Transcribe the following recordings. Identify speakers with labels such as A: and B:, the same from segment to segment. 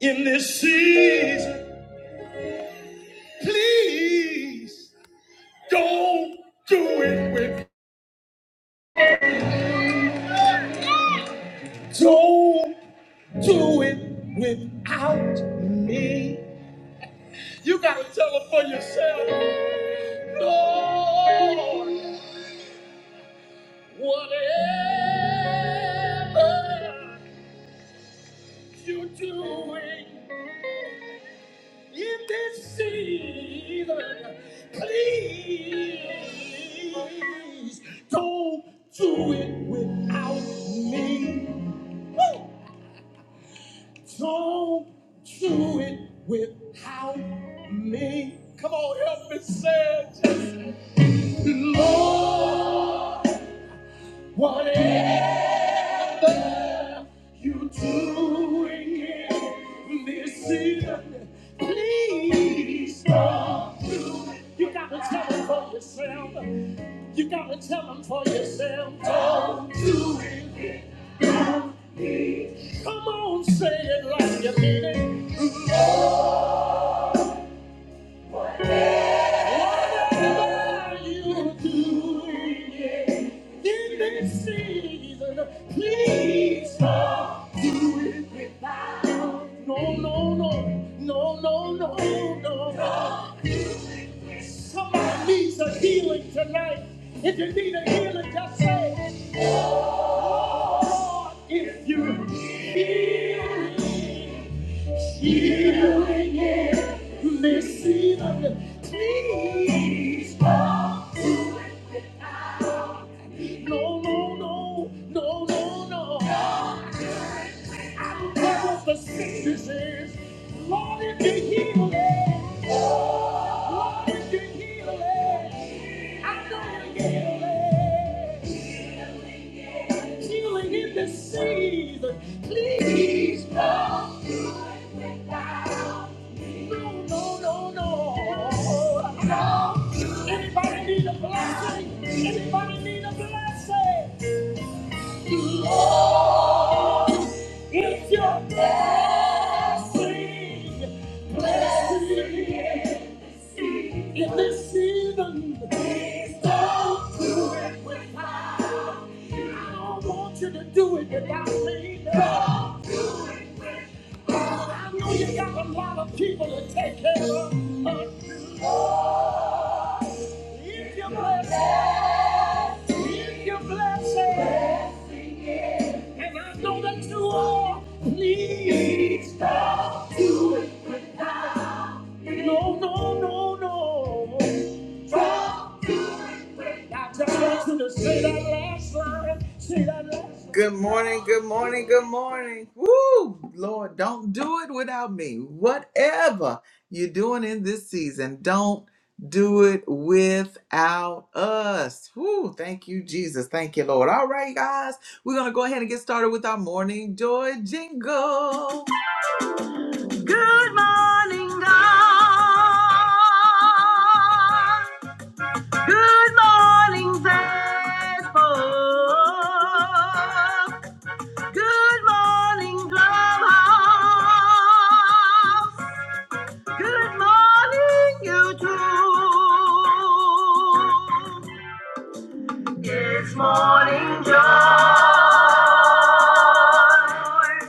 A: in this season. Please don't do it with, don't do it without me. You gotta tell them for yourself, Lord, whatever you're doing in this season, please don't do it without me. Don't do it without me. Come on, help me say it. Lord, whatever you're doing in this season, please don't do it. You gotta tell them for yourself. You gotta tell them for yourself. Don't do it. Come on, say it like you mean it. Please stop doing it. No, no, no, no, no, no, no. Somebody needs a healing tonight. If you need a healing, just say, if you feel healing, in this season, please stop. No, no, no, no, no, no. Power for sick disease. Lord, you can heal it. Lord, you can heal it. I know you can heal it. Healing in this season. Please don't do it without me. No, no, no, no. No. Anybody need a blessing? Anybody need a blessing? It's your blessing, blessing in this season. Please don't do it without. me. I don't want you to do it without me. Lord. I know you got a lot of people to take care of. It's your blessing. It's your blessing. And I know that you are. Please stop doing without me. No, no, no, no. Stop. Good morning, good morning, good morning. Woo! Lord, don't do it without me. Whatever you're doing in this season, don't do it without us. Woo! Thank you, Jesus. Thank you, Lord. All right, guys, we're going to go ahead and get started with our morning joy jingle. Good morning, God. Good morning, Facebook. Good morning, Clubhouse. Good morning, YouTube. It's morning joy.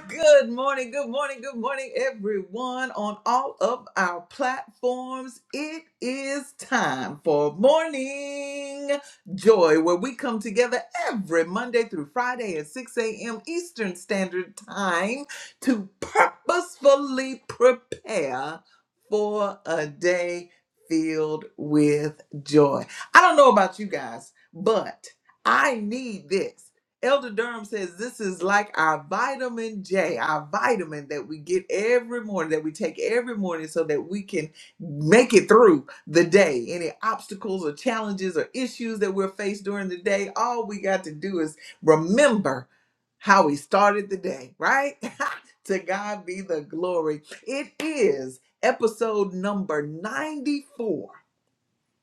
A: Good morning, good morning, good morning, everyone on all of our platforms. It is time for morning joy, where we come together every Monday through Friday at 6 a.m. Eastern Standard Time to purposefully prepare for a day filled with joy. I don't know about you guys, but I need this. Elder Durham says this is like our vitamin J, our vitamin that we get every morning, that we take every morning so that we can make it through the day. Any obstacles or challenges or issues that we're faced during the day, all we got to do is remember how we started the day, right? to God be the glory. It is episode number 94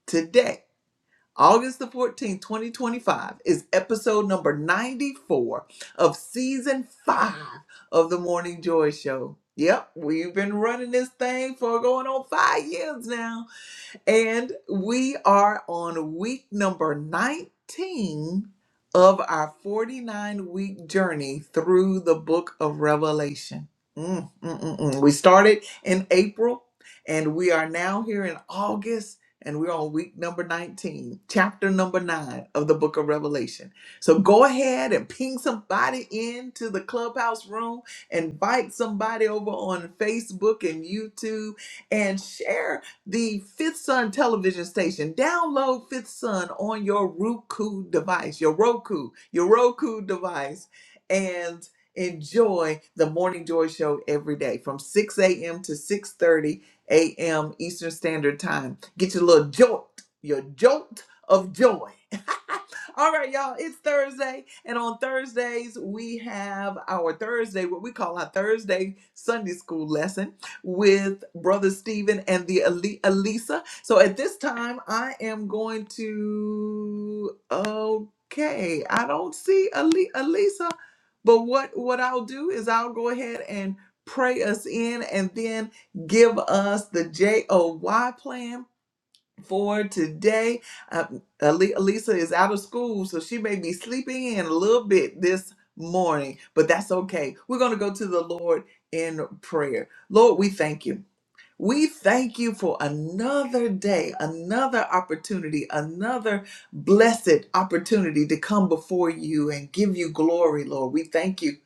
A: today August the 14th, 2025 is episode number 94 of season five of the Morning Joy Show. Yep, we've been running this thing for going on five years now. And we are on week number 19 of our 49 week journey through the book of Revelation. Mm, mm, mm, mm. We started in April and we are now here in August and we're on week number 19, chapter number 9 of the book of Revelation. So go ahead and ping somebody into the clubhouse room, invite somebody over on Facebook and YouTube and share the Fifth Sun television station. Download Fifth Sun on your Roku device, your Roku, your Roku device, and enjoy the Morning Joy Show every day from 6 a.m. to 6:30 a.m. Eastern Standard Time. Get your little jolt, your jolt of joy. All right, y'all, it's Thursday. And on Thursdays, we have our Thursday, what we call our Thursday Sunday school lesson with Brother Stephen and the Ali- Elisa. So at this time, I am going to. Okay, I don't see Ali- Elisa, but what what I'll do is I'll go ahead and pray us in, and then give us the J O Y plan for today. Uh, Ali- Elisa is out of school, so she may be sleeping in a little bit this morning, but that's okay. We're going to go to the Lord in prayer. Lord, we thank you. We thank you for another day, another opportunity, another blessed opportunity to come before you and give you glory, Lord. We thank you.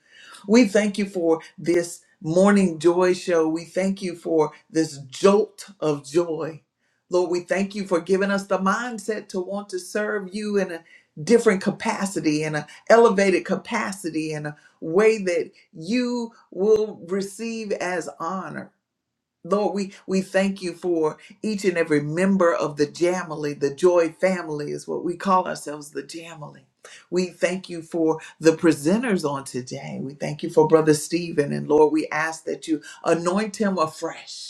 A: We thank you for this morning joy show. We thank you for this jolt of joy. Lord, we thank you for giving us the mindset to want to serve you in a different capacity, in an elevated capacity, in a way that you will receive as honor. Lord, we, we thank you for each and every member of the Jamily. The Joy family is what we call ourselves, the Jamily. We thank you for the presenters on today. We thank you for Brother Stephen. And Lord, we ask that you anoint him afresh.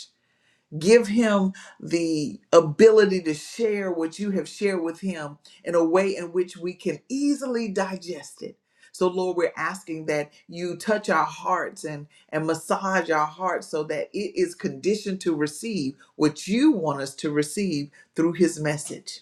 A: Give him the ability to share what you have shared with him in a way in which we can easily digest it. So, Lord, we're asking that you touch our hearts and, and massage our hearts so that it is conditioned to receive what you want us to receive through his message.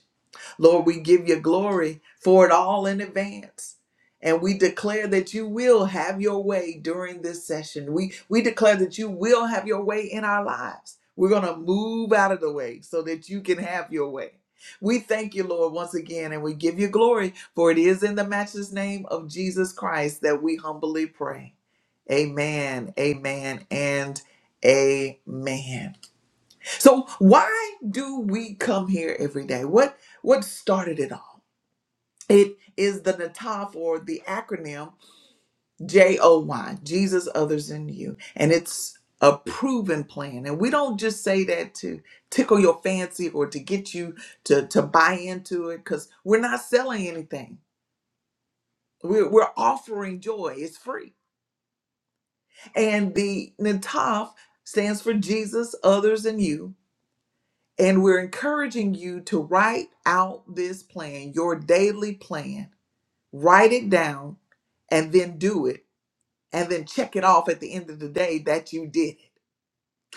A: Lord, we give you glory for it all in advance. And we declare that you will have your way during this session. We, we declare that you will have your way in our lives. We're going to move out of the way so that you can have your way. We thank you, Lord, once again, and we give you glory, for it is in the matchless name of Jesus Christ that we humbly pray. Amen, amen, and amen. So why do we come here every day? What what started it all? It is the nataf or the acronym J O Y, Jesus, others, and you. And it's a proven plan. And we don't just say that to tickle your fancy or to get you to, to buy into it because we're not selling anything. We're, we're offering joy. It's free. And the nataf stands for Jesus, others, and you And we're encouraging you to write out this plan, your daily plan. Write it down and then do it. And then check it off at the end of the day that you did.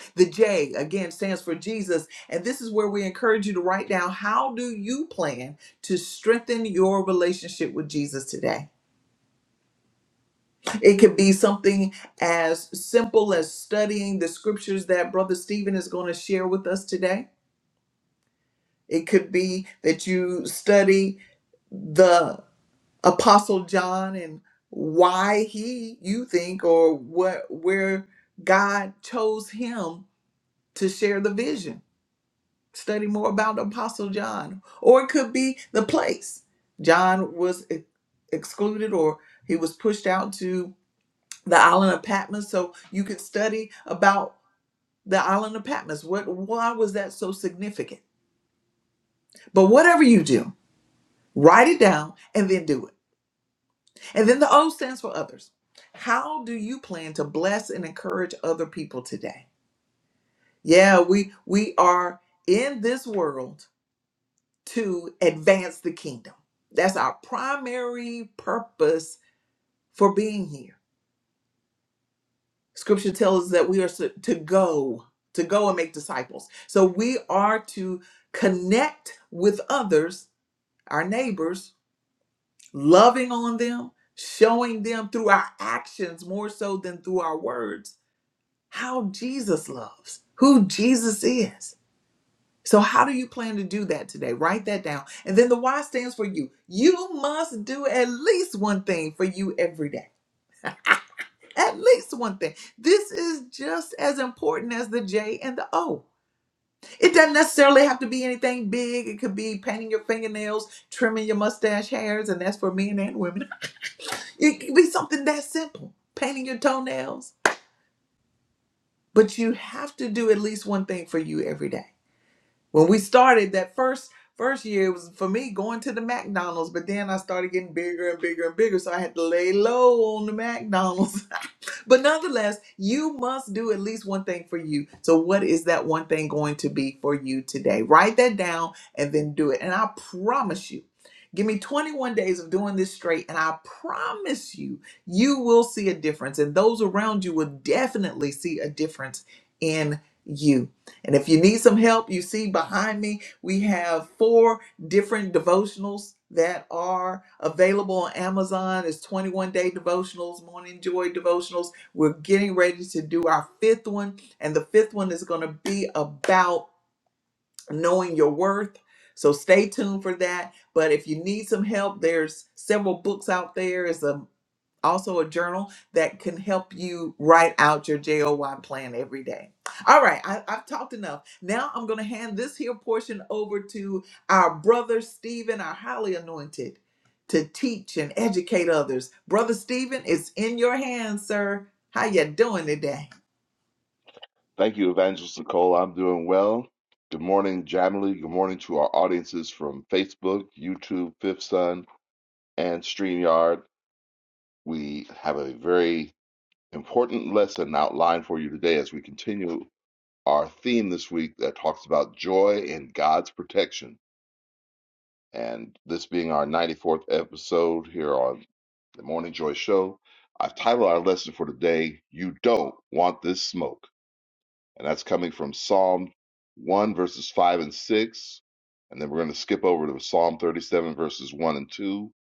A: it. The J, again, stands for Jesus. And this is where we encourage you to write down how do you plan to strengthen your relationship with Jesus today? It could be something as simple as studying the scriptures that Brother Stephen is going to share with us today. It could be that you study the. Apostle John and why he, you think, or what, where God chose him to share the vision. Study more about Apostle John, or it could be the place. John was e- excluded, or he was pushed out to the island of Patmos. So you could study about the island of Patmos. What? Why was that so significant? But whatever you do, write it down and then do it And then the O stands for others. How do you plan to bless and encourage other people today? Yeah, we we are in this world to advance the kingdom. That's our primary purpose for being here. Scripture tells us that we are to to go, to go and make disciples. So we are to connect with others, our neighbors, loving on them, showing them through our actions more so than through our words how Jesus loves, who Jesus is. So, how do you plan to do that today? Write that down. And then the why stands for you. You must do at least one thing for you every day. At least one thing. This is just as important as the J and the O. It doesn't necessarily have to be anything big. It could be painting your fingernails, trimming your mustache hairs, and that's for men and women. It could be something that simple, painting your toenails. But you have to do at least one thing for you every day. When we started that first first year, it was for me going to the McDonald's, but then I started getting bigger and bigger and bigger, so I had to lay low on the McDonald's but nonetheless, you must do at least one thing for you. So, what is that one thing going to be for you today? Write that down and then do it. And I promise you, give me 21 days of doing this straight, and I promise you, you will see a difference. And those around you will definitely see a difference in you. And if you need some help, you see behind me, we have four different devotionals that are available on Amazon. It's 21 day devotionals, morning joy devotionals we're getting ready to do our fifth one, and the fifth one is going to be about knowing your worth. So stay tuned for that. But if you need some help, there's several books out there. There's a also a journal that can help you write out your JOY plan every day. All right, I, I've talked enough. Now I'm going to hand this here portion over to our brother Stephen, our highly anointed, to teach and educate others. Brother Stephen, it's in your hands, sir. How you doing today?
B: Thank you, Evangelist Nicole. I'm doing well. Good morning, Jamily. Good morning to our audiences from Facebook, YouTube, Fifth Sun, and StreamYard. We have a very important lesson outlined for you today as we continue our theme this week that talks about joy in God's protection. And this being our 94th episode here on the Morning Joy Show, I've titled our lesson for today, You Don't Want This Smoke. And that's coming from Psalm 1, verses 5 and 6. And then we're going to skip over to Psalm 37, verses 1 and 2.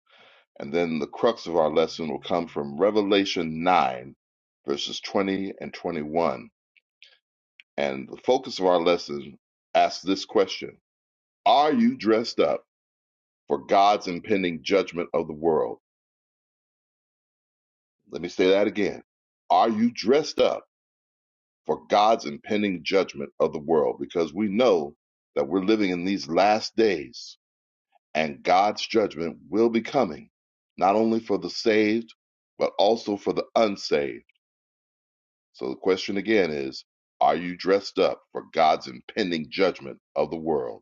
B: And then the crux of our lesson will come from Revelation 9, verses 20 and 21. And the focus of our lesson asks this question Are you dressed up for God's impending judgment of the world? Let me say that again. Are you dressed up for God's impending judgment of the world? Because we know that we're living in these last days and God's judgment will be coming, not only for the saved, but also for the unsaved. So the question again is Are you dressed up for God's impending judgment of the world?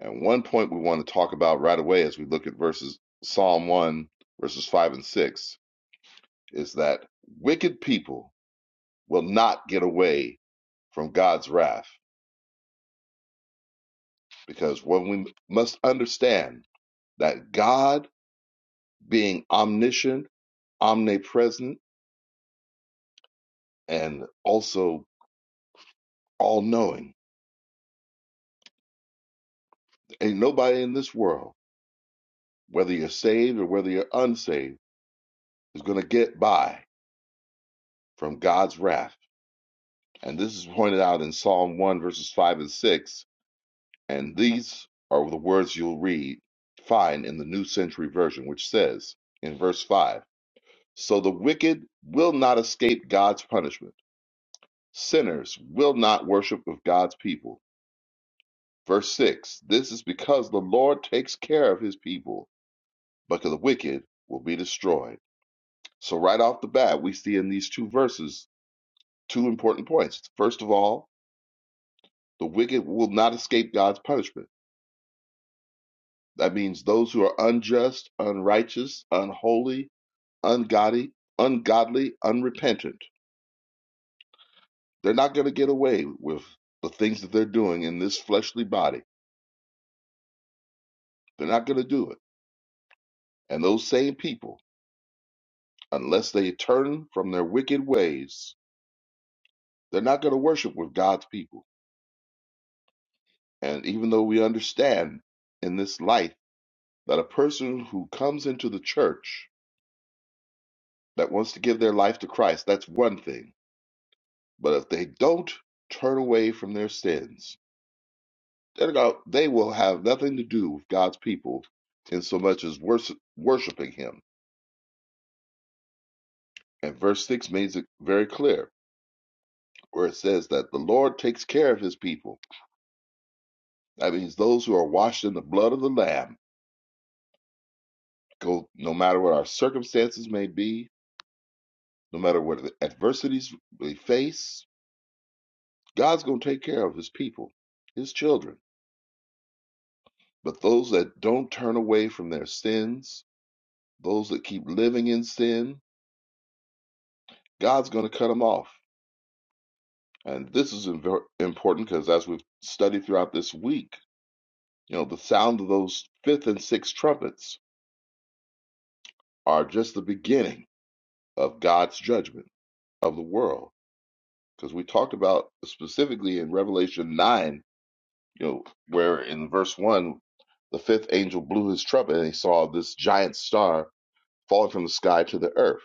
B: And one point we want to talk about right away as we look at verses Psalm 1, verses 5 and 6 is that wicked people will not get away from God's wrath because when we must understand that God being omniscient, omnipresent, and also all knowing. Ain't nobody in this world, whether you're saved or whether you're unsaved, is going to get by from God's wrath. And this is pointed out in Psalm 1, verses 5 and 6. And these are the words you'll read, find in the New Century Version, which says in verse 5 So the wicked will not escape God's punishment, sinners will not worship with God's people. Verse 6 This is because the Lord takes care of his people. but the wicked will be destroyed. So, right off the bat, we see in these two verses two important points. First of all, the wicked will not escape God's punishment. That means those who are unjust, unrighteous, unholy, ungodly, ungodly, unrepentant. They're not going to get away with the things that they're doing in this fleshly body. They're not going to do it. And those same people, unless they turn from their wicked ways, they're not going to worship with God's people. And even though we understand in this life that a person who comes into the church that wants to give their life to Christ, that's one thing. But if they don't turn away from their sins, they're go- they will have nothing to do with God's people in so much as worship, worshiping Him. And verse 6 makes it very clear where it says that the Lord takes care of His people. That means those who are washed in the blood of the Lamb, go no matter what our circumstances may be, No matter what the adversities we face, God's going to take care of his people, his children. But those that don't turn away from their sins, those that keep living in sin, God's going to cut them off. And this is important because as we've studied throughout this week, you know, the sound of those fifth and sixth trumpets are just the beginning of God's judgment of the world. Because we talked about specifically in Revelation 9 You know, where in verse one, the fifth angel blew his trumpet and he saw this giant star falling from the sky to the earth.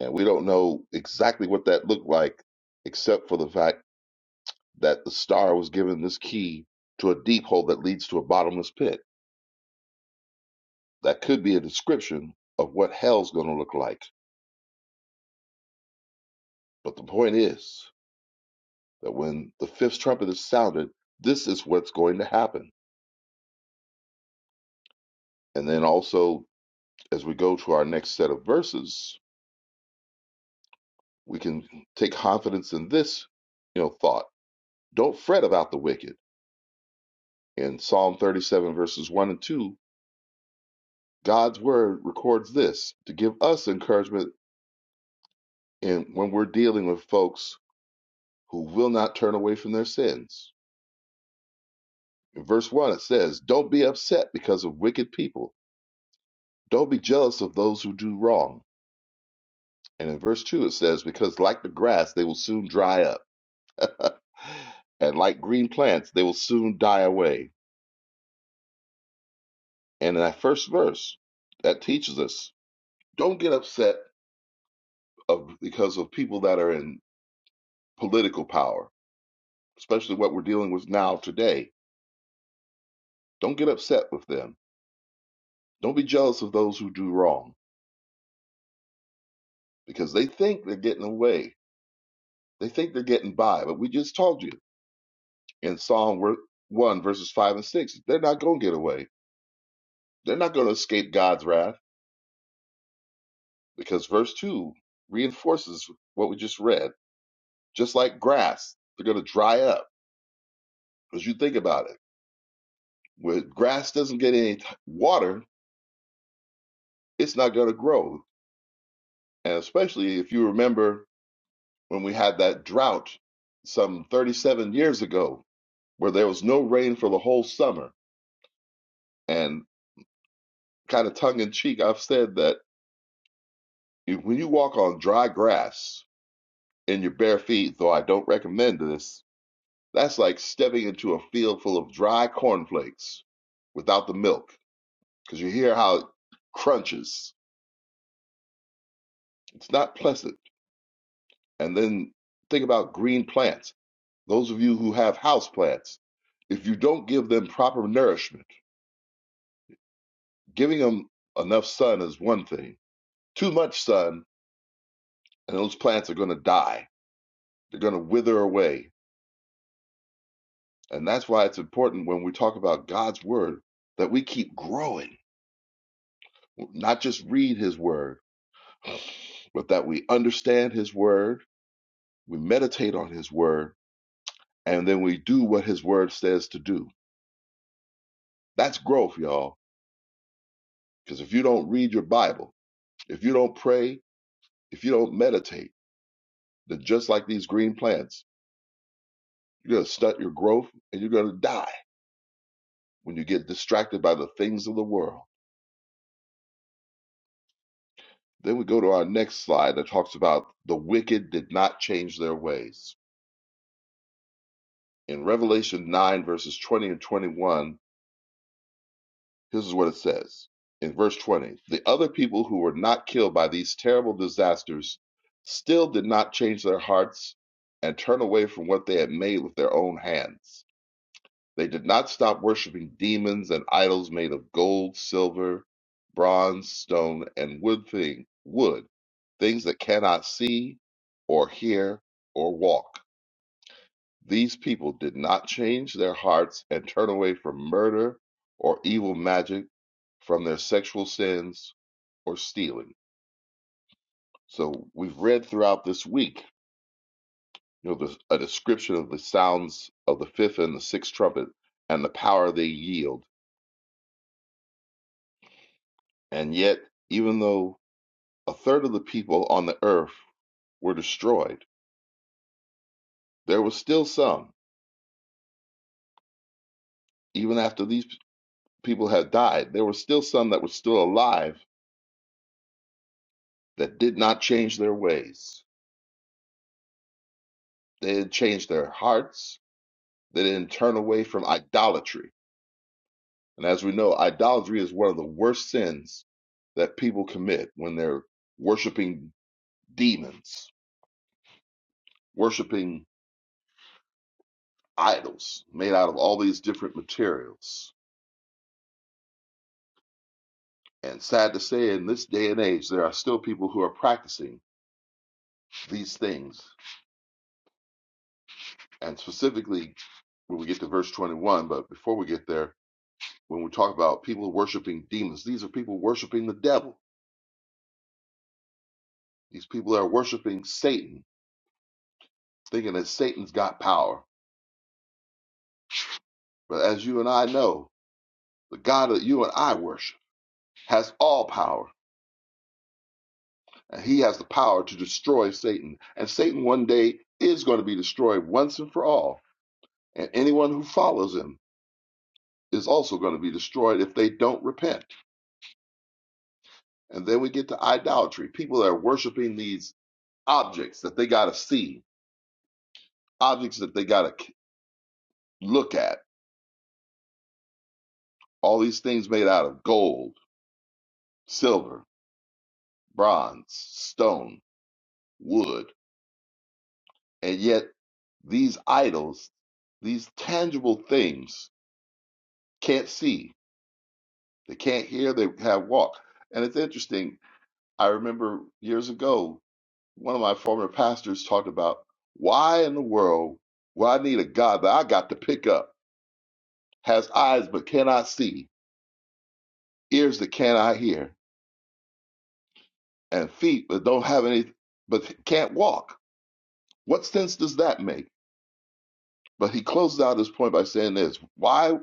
B: And we don't know exactly what that looked like, except for the fact that the star was given this key to a deep hole that leads to a bottomless pit. That could be a description of what hell's going to look like. But the point is that when the fifth trumpet is sounded, this is what's going to happen. And then also, as we go to our next set of verses, we can take confidence in this you know thought don't fret about the wicked in psalm 37 verses 1 and 2 god's word records this to give us encouragement in when we're dealing with folks who will not turn away from their sins in verse 1 it says don't be upset because of wicked people don't be jealous of those who do wrong and in verse 2 it says because like the grass they will soon dry up and like green plants they will soon die away And in that first verse, that teaches us don't get upset of because of people that are in political power, especially what we're dealing with now today. Don't get upset with them. Don't be jealous of those who do wrong because they think they're getting away. They think they're getting by. But we just told you in Psalm wor- 1, verses 5 and 6, they're not going to get away. They're not going to escape God's wrath because verse 2 reinforces what we just read. Just like grass, they're going to dry up because you think about it Where grass doesn't get any t- water, it's not going to grow. And especially if you remember when we had that drought some 37 years ago, where there was no rain for the whole summer. And kind of tongue in cheek, I've said that if, when you walk on dry grass in your bare feet, though I don't recommend this, that's like stepping into a field full of dry cornflakes without the milk, because you hear how it crunches. It's not pleasant. And then think about green plants Those of you who have houseplants, if you don't give them proper nourishment, giving them enough sun is one thing. Too much sun, and those plants are going to die. They're going to wither away. And that's why it's important when we talk about God's word that we keep growing, not just read his word, but that we understand his word, we meditate on his word, and then we do what his word says to do. That's growth, y'all. Because if you don't read your Bible, if you don't pray, if you don't meditate, They're just like these green plants. You're going to stunt your growth and you're going to die when you get distracted by the things of the world. Then we go to our next slide that talks about the wicked did not change their ways. In Revelation 9, verses 20 and 21, this is what it says. In verse 20, the other people who were not killed by these terrible disasters still did not change their hearts and turn away from what they had made with their own hands. They did not stop worshiping demons and idols made of gold, silver, bronze, stone, and wood thing wood, things that cannot see or hear or walk. These people did not change their hearts and turn away from murder or evil magic, from their sexual sins or stealing. So we've read throughout this week, you know, the, a description of the sounds of the fifth and the sixth trumpet and the power they yield. And yet, even though A third of the people on the earth were destroyed. There were still some, even after these people had died, there were still some that were still alive that did not change their ways. They didn't change their hearts. They didn't turn away from idolatry. And as we know, idolatry is one of the worst sins that people commit when they're worshiping demons, worshiping idols made out of all these different materials. And sad to say, in this day and age, there are still people who are practicing these things. And specifically, when we get to verse 21, but before we get there, when we talk about people worshiping demons, these are people worshiping the devil. These people are worshiping Satan, thinking that Satan's got power. But as you and I know, the God that you and I worship has all power, and he has the power to destroy Satan. And Satan one day is going to be destroyed once and for all. And anyone who follows him is also going to be destroyed if they don't repent. And then we get to idolatry. People that are worshiping these objects that they got to see, objects that they got to look at. All these things made out of gold, silver, bronze, stone, wood. And yet these idols, these tangible things, can't see, they can't hear, they can't walk. And it's interesting. I remember years ago, one of my former pastors talked about why in the world would I need a God that I got to pick up? has eyes but cannot see, ears that cannot hear, and feet that don't have any, but can't walk. What sense does that make? But he closes out his point by saying this Why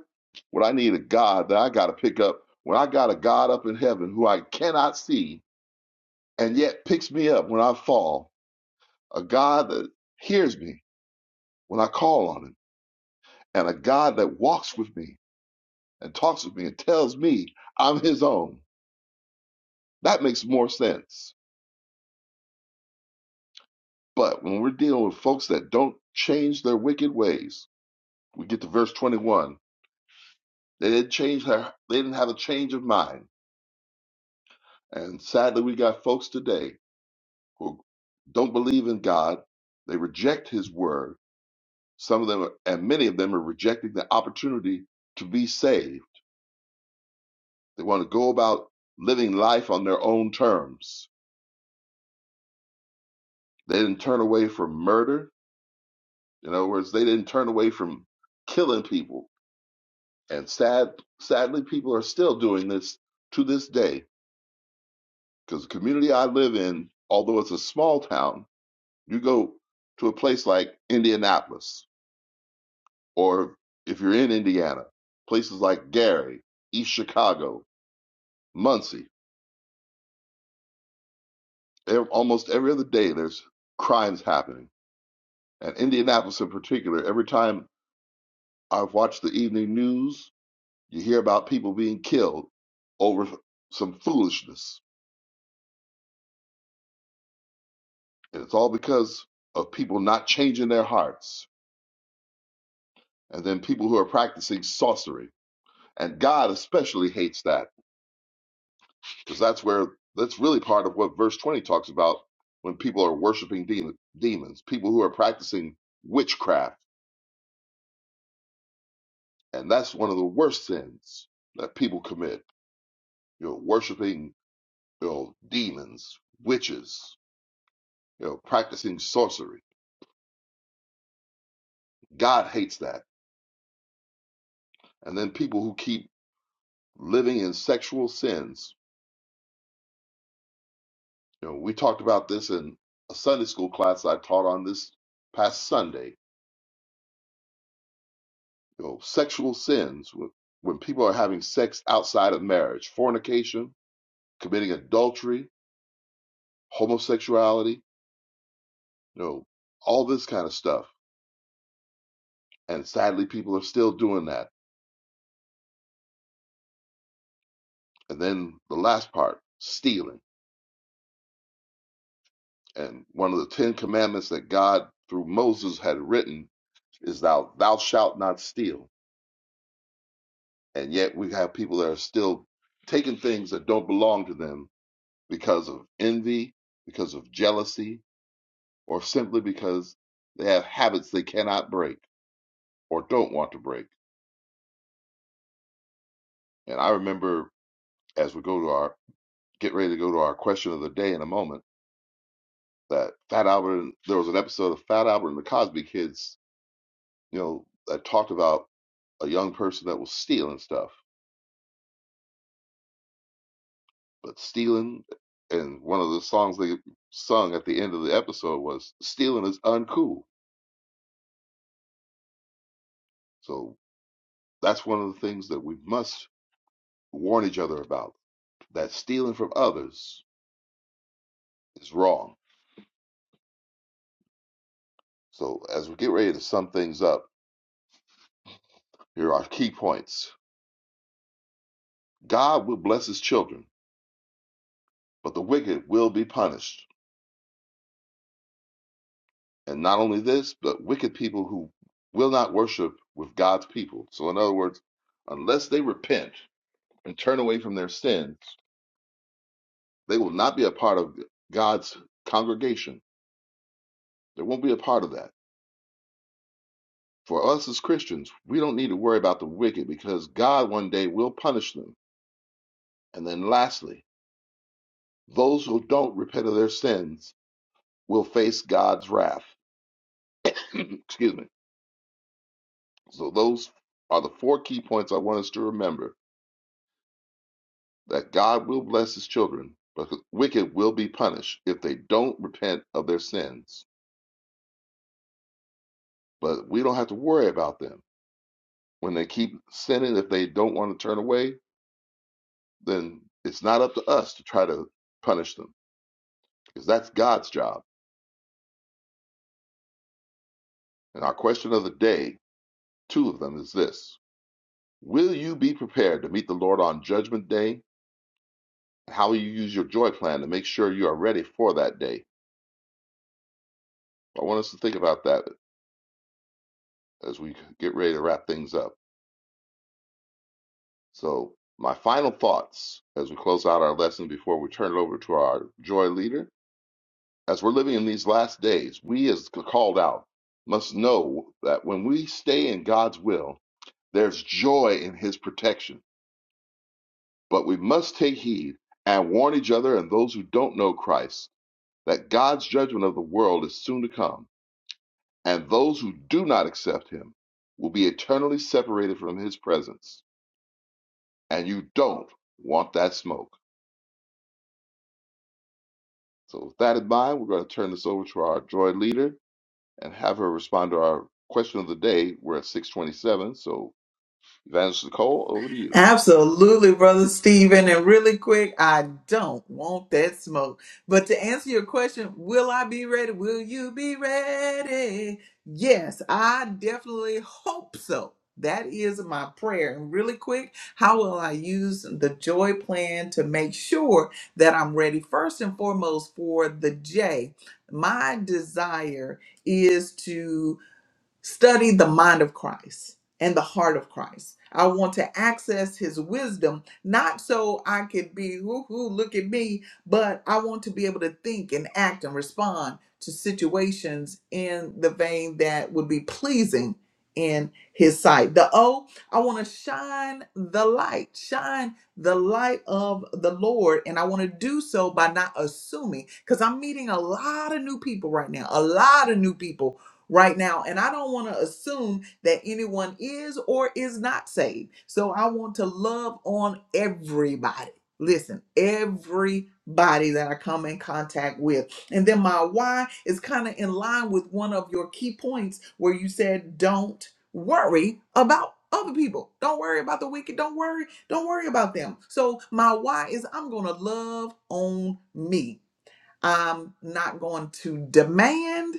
B: would I need a God that I got to pick up when I got a God up in heaven who I cannot see and yet picks me up when I fall? A God that hears me when I call on him, and a God that walks with me and talks with me and tells me I'm his own. That makes more sense. But when we're dealing with folks that don't change their wicked ways, we get to verse 21. They didn't change their, they didn't have a change of mind. And sadly, we got folks today who don't believe in God. They reject his word. Some of them, are, and many of them are rejecting the opportunity to be saved. They want to go about living life on their own terms. They didn't turn away from murder. In other words, they didn't turn away from killing people And sad, sadly, people are still doing this to this day. Because the community I live in, although it's a small town, you go to a place like Indianapolis, or if you're in Indiana, places like Gary, East Chicago, Muncie. ev- Almost every other day, there's crimes happening. And Indianapolis, in particular, every time I've watched the evening news, you hear about people being killed over some foolishness And it's all because of people not changing their hearts. And then people who are practicing sorcery. And God especially hates that because that's where that's really part of what verse 20 talks about when people are worshiping demon, demons, people who are practicing witchcraft. And that's one of the worst sins that people commit. You know, worshiping you know, demons, witches, you know, practicing sorcery. God hates that. And then people who keep living in sexual sins You know, we talked about this in a Sunday school class I taught on this past Sunday. You know, sexual sins wh- when people are having sex outside of marriage, fornication, committing adultery, homosexuality, you know, all this kind of stuff. And sadly, people are still doing that. And then the last part, stealing. And one of the Ten Commandments that God through Moses had written is thou thou shalt not steal. And yet we have people that are still taking things that don't belong to them because of envy, because of jealousy, or simply because they have habits they cannot break or don't want to break. And I remember as we go to our get ready to go to our question of the day in a moment that Fat Albert there was an episode of Fat Albert and the Cosby Kids, you know, that talked about a young person that was stealing stuff, but stealing and one of the songs they sung at the end of the episode was stealing is uncool. So that's one of the things that we must warn each other about that stealing from others is wrong. So, as we get ready to sum things up, here are key points God will bless his children, but the wicked will be punished. And not only this, but wicked people who will not worship with God's people. So, in other words, unless they repent and turn away from their sins, they will not be a part of God's congregation. They won't be a part of that. For us as Christians, we don't need to worry about the wicked because God one day will punish them. And then, lastly, Those who don't repent of their sins will face God's wrath. Excuse me. So those are the four key points I want us to remember that God will bless his children, but the wicked will be punished if they don't repent of their sins. But we don't have to worry about them. When they keep sinning, if they don't want to turn away, then it's not up to us to try to punish them because that's God's job. And our question of the day, two of them, is this Will you be prepared to meet the Lord on Judgment Day? how you use your joy plan to make sure you are ready for that day. I want us to think about that as we get ready to wrap things up. So, my final thoughts as we close out our lesson before we turn it over to our joy leader. As we're living in these last days, we as called out must know that when we stay in God's will, there's joy in his protection. But we must take heed and warn each other and those who don't know Christ that God's judgment of the world is soon to come and those who do not accept him will be eternally separated from his presence. And you don't want that smoke. So, with that in mind, we're going to turn this over to our joy leader and have her respond to our question of the day. We're at 627. So, Evangelist Nicole, over to you.
A: Absolutely, Brother Stephen. And really quick, I don't want that smoke. But to answer your question, will I be ready? Will you be ready? Yes, I definitely hope so. That is my prayer. And really quick, how will I use the joy plan to make sure that I'm ready? First and foremost, for the J, my desire is to study the mind of Christ and the heart of Christ. I want to access his wisdom, not so I could be, whoo hoo, look at me, but I want to be able to think and act and respond to situations in the vein that would be pleasing in his sight. The O, I want to shine the light, shine the light of the Lord. And I want to do so by not assuming, because I'm meeting a lot of new people right now, a lot of new people right now. And I don't want to assume that anyone is or is not saved. So I want to love on everybody. Listen, everybody that I come in contact with. And then my why is kind of in line with one of your key points where you said, don't worry about other people. Don't worry about the wicked. Don't worry. Don't worry about them. So my why is I'm going to love on me. I'm not going to demand,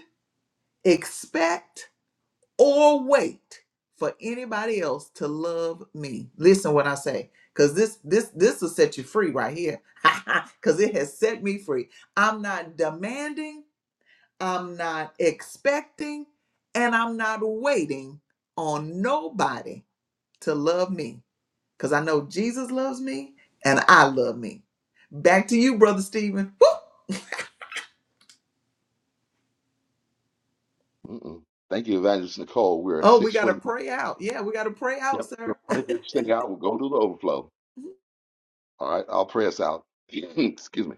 A: expect, or wait for anybody else to love me. Listen what I say, because this this this will set you free right here. Because it has set me free. I'm not demanding, I'm not expecting, and I'm not waiting on nobody to love me. Because I know Jesus loves me and I love me. Back to you, Brother Stephen. Woo!
B: Mm-mm. Thank you, Evangelist Nicole. We're at
A: Oh, we gotta
B: 629.
A: pray out. Yeah, we gotta pray out,
B: Yep. We're
A: sir.
B: going to print this thing out. We'll go to the overflow. All right, I'll pray us out. Excuse me.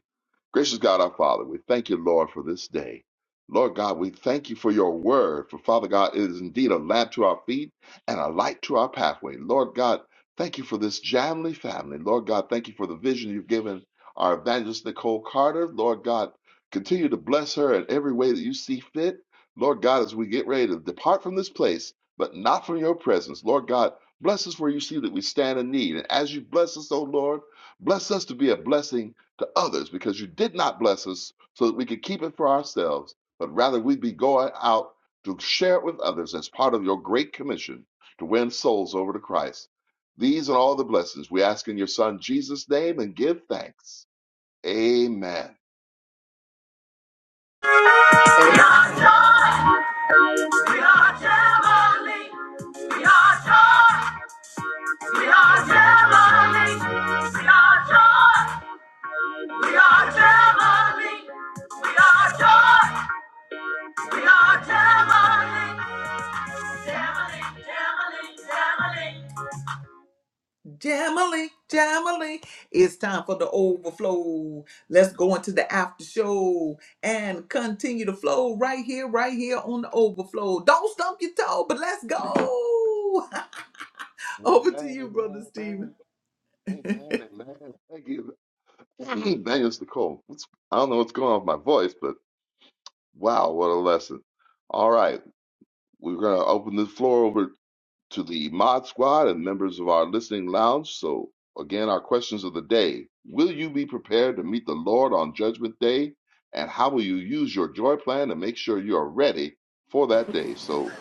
B: Gracious God, our Father, we thank you, Lord, for this day. Lord God, we thank you for your word. For Father God, it is indeed a lamp to our feet and a light to our pathway. Lord God, thank you for this Jamley family. Lord God, thank you for the vision you've given our evangelist Nicole Carter. Lord God, continue to bless her in every way that you see fit. Lord God, as we get ready to depart from this place, but not from your presence. Lord God, bless us where you see that we stand in need. And as you bless us, O Lord, Bless us to be a blessing to others because you did not bless us so that we could keep it for ourselves, but rather we be going out to share it with others as part of your great commission to win souls over to Christ. These and all the blessings we ask in your Son Jesus' name and give thanks. Amen.
A: Amen. We are Gemini. We are joy. We are Gemini. We are joy. We are Gemini. We are joy. We are Gemini. Gemini. Gemini. Gemini. Gemini. Gemini. It's time for the overflow. Let's go into the after show and continue to flow right here, right here on the overflow. Don't stump your toe, but let's go. Over to
B: Amen,
A: you, Brother
B: amen,
A: Stephen.
B: amen, amen, amen. Thank you. Daniel Nicole. It's, I don't know what's going on with my voice, but wow, what a lesson. All right, we're going to open the floor over to the Mod Squad and members of our listening lounge. So, again, our questions of the day Will you be prepared to meet the Lord on Judgment Day? And how will you use your joy plan to make sure you are ready for that day? So,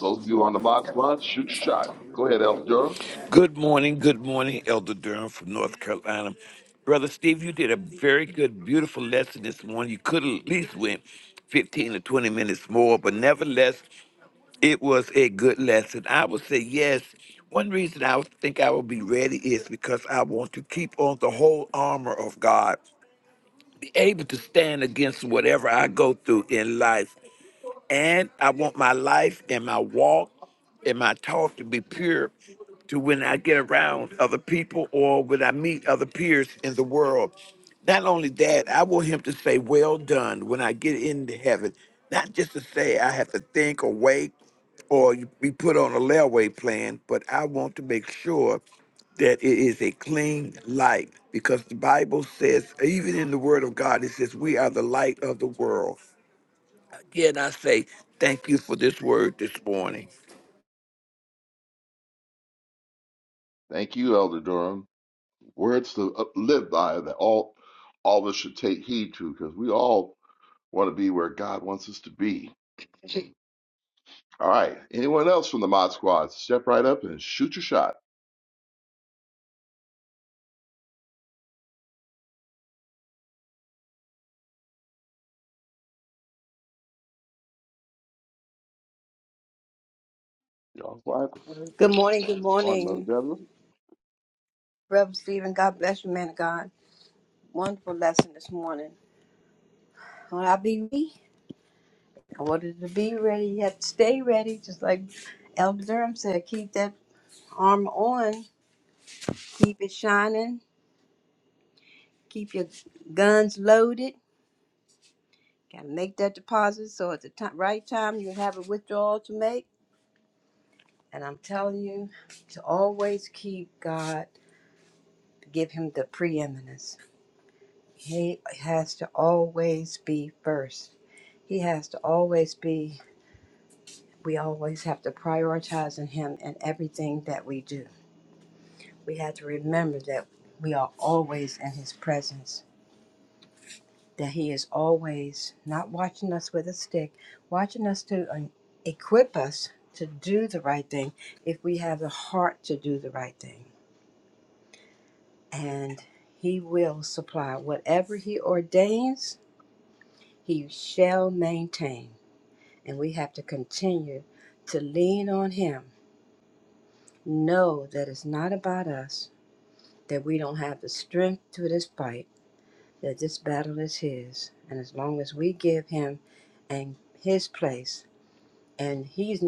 B: those of you on the Mod Squad, shoot your shot. Go ahead, Elder Durham.
C: Good morning, good morning, Elder Durham from North Carolina. Brother Steve, you did a very good, beautiful lesson this morning. You could have at least went 15 to 20 minutes more, but nevertheless, it was a good lesson. I would say yes. One reason I would think I will be ready is because I want to keep on the whole armor of God, be able to stand against whatever I go through in life. And I want my life and my walk and my talk to be pure to when I get around other people or when I meet other peers in the world. Not only that, I want him to say, Well done when I get into heaven. Not just to say I have to think or wait or be put on a layaway plan, but I want to make sure that it is a clean light because the Bible says, even in the Word of God, it says, We are the light of the world. Again, I say thank you for this word this morning.
B: Thank you, Elder Durham. Words to up- live by that all, all of us should take heed to because we all want to be where God wants us to be. All right. Anyone else from the Mod Squad, step right up and shoot your shot. Y'all fly flyers?
D: Good morning, good
B: Martin
D: morning,
B: Deborah? All
D: Reverend Stephen. God bless you, man of God. Wonderful lesson this morning. When I be ready, I wanted to be ready, you have to stay ready, just like Elder Durham said, keep that armor on, keep it shining, keep your guns loaded. Gotta make that deposit so at the ti- right time you have a withdrawal to make. And I'm telling you to always keep God, give Him the preeminence. He has to always be first. He has to always be, we always have to prioritize in Him in everything that we do. We have to remember that we are always in His presence, that He is always not watching us with a stick, watching us to um, equip us to do the right thing if we have the heart to do the right thing. And He will supply whatever He ordains, He shall maintain. And we have to continue to lean on Him. Know that it's not about us, that we don't have the strength to this fight, that this battle is His. And as long as we give Him and His place, and He's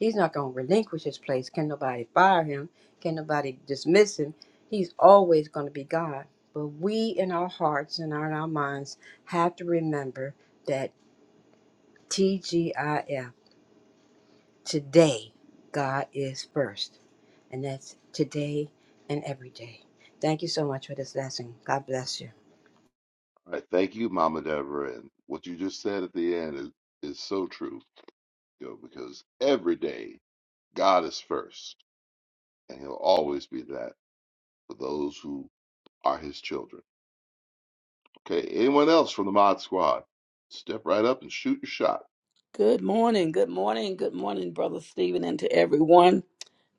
D: He's not going to relinquish His place. Can nobody fire Him? Can nobody dismiss Him? He's always going to be God. But we in our hearts and in our minds have to remember that TGIF today god is first and that's today and every day thank you so much for this lesson god bless you
B: right, thank you, Mama Deborah. And what you just said at the end is, is so true, you know, because every day God is first, and He'll always be that for those who are His children. Okay, anyone else from the Mod Squad? Step right up and shoot your shot.
E: Good morning, good morning, good morning, Brother Stephen, and to everyone.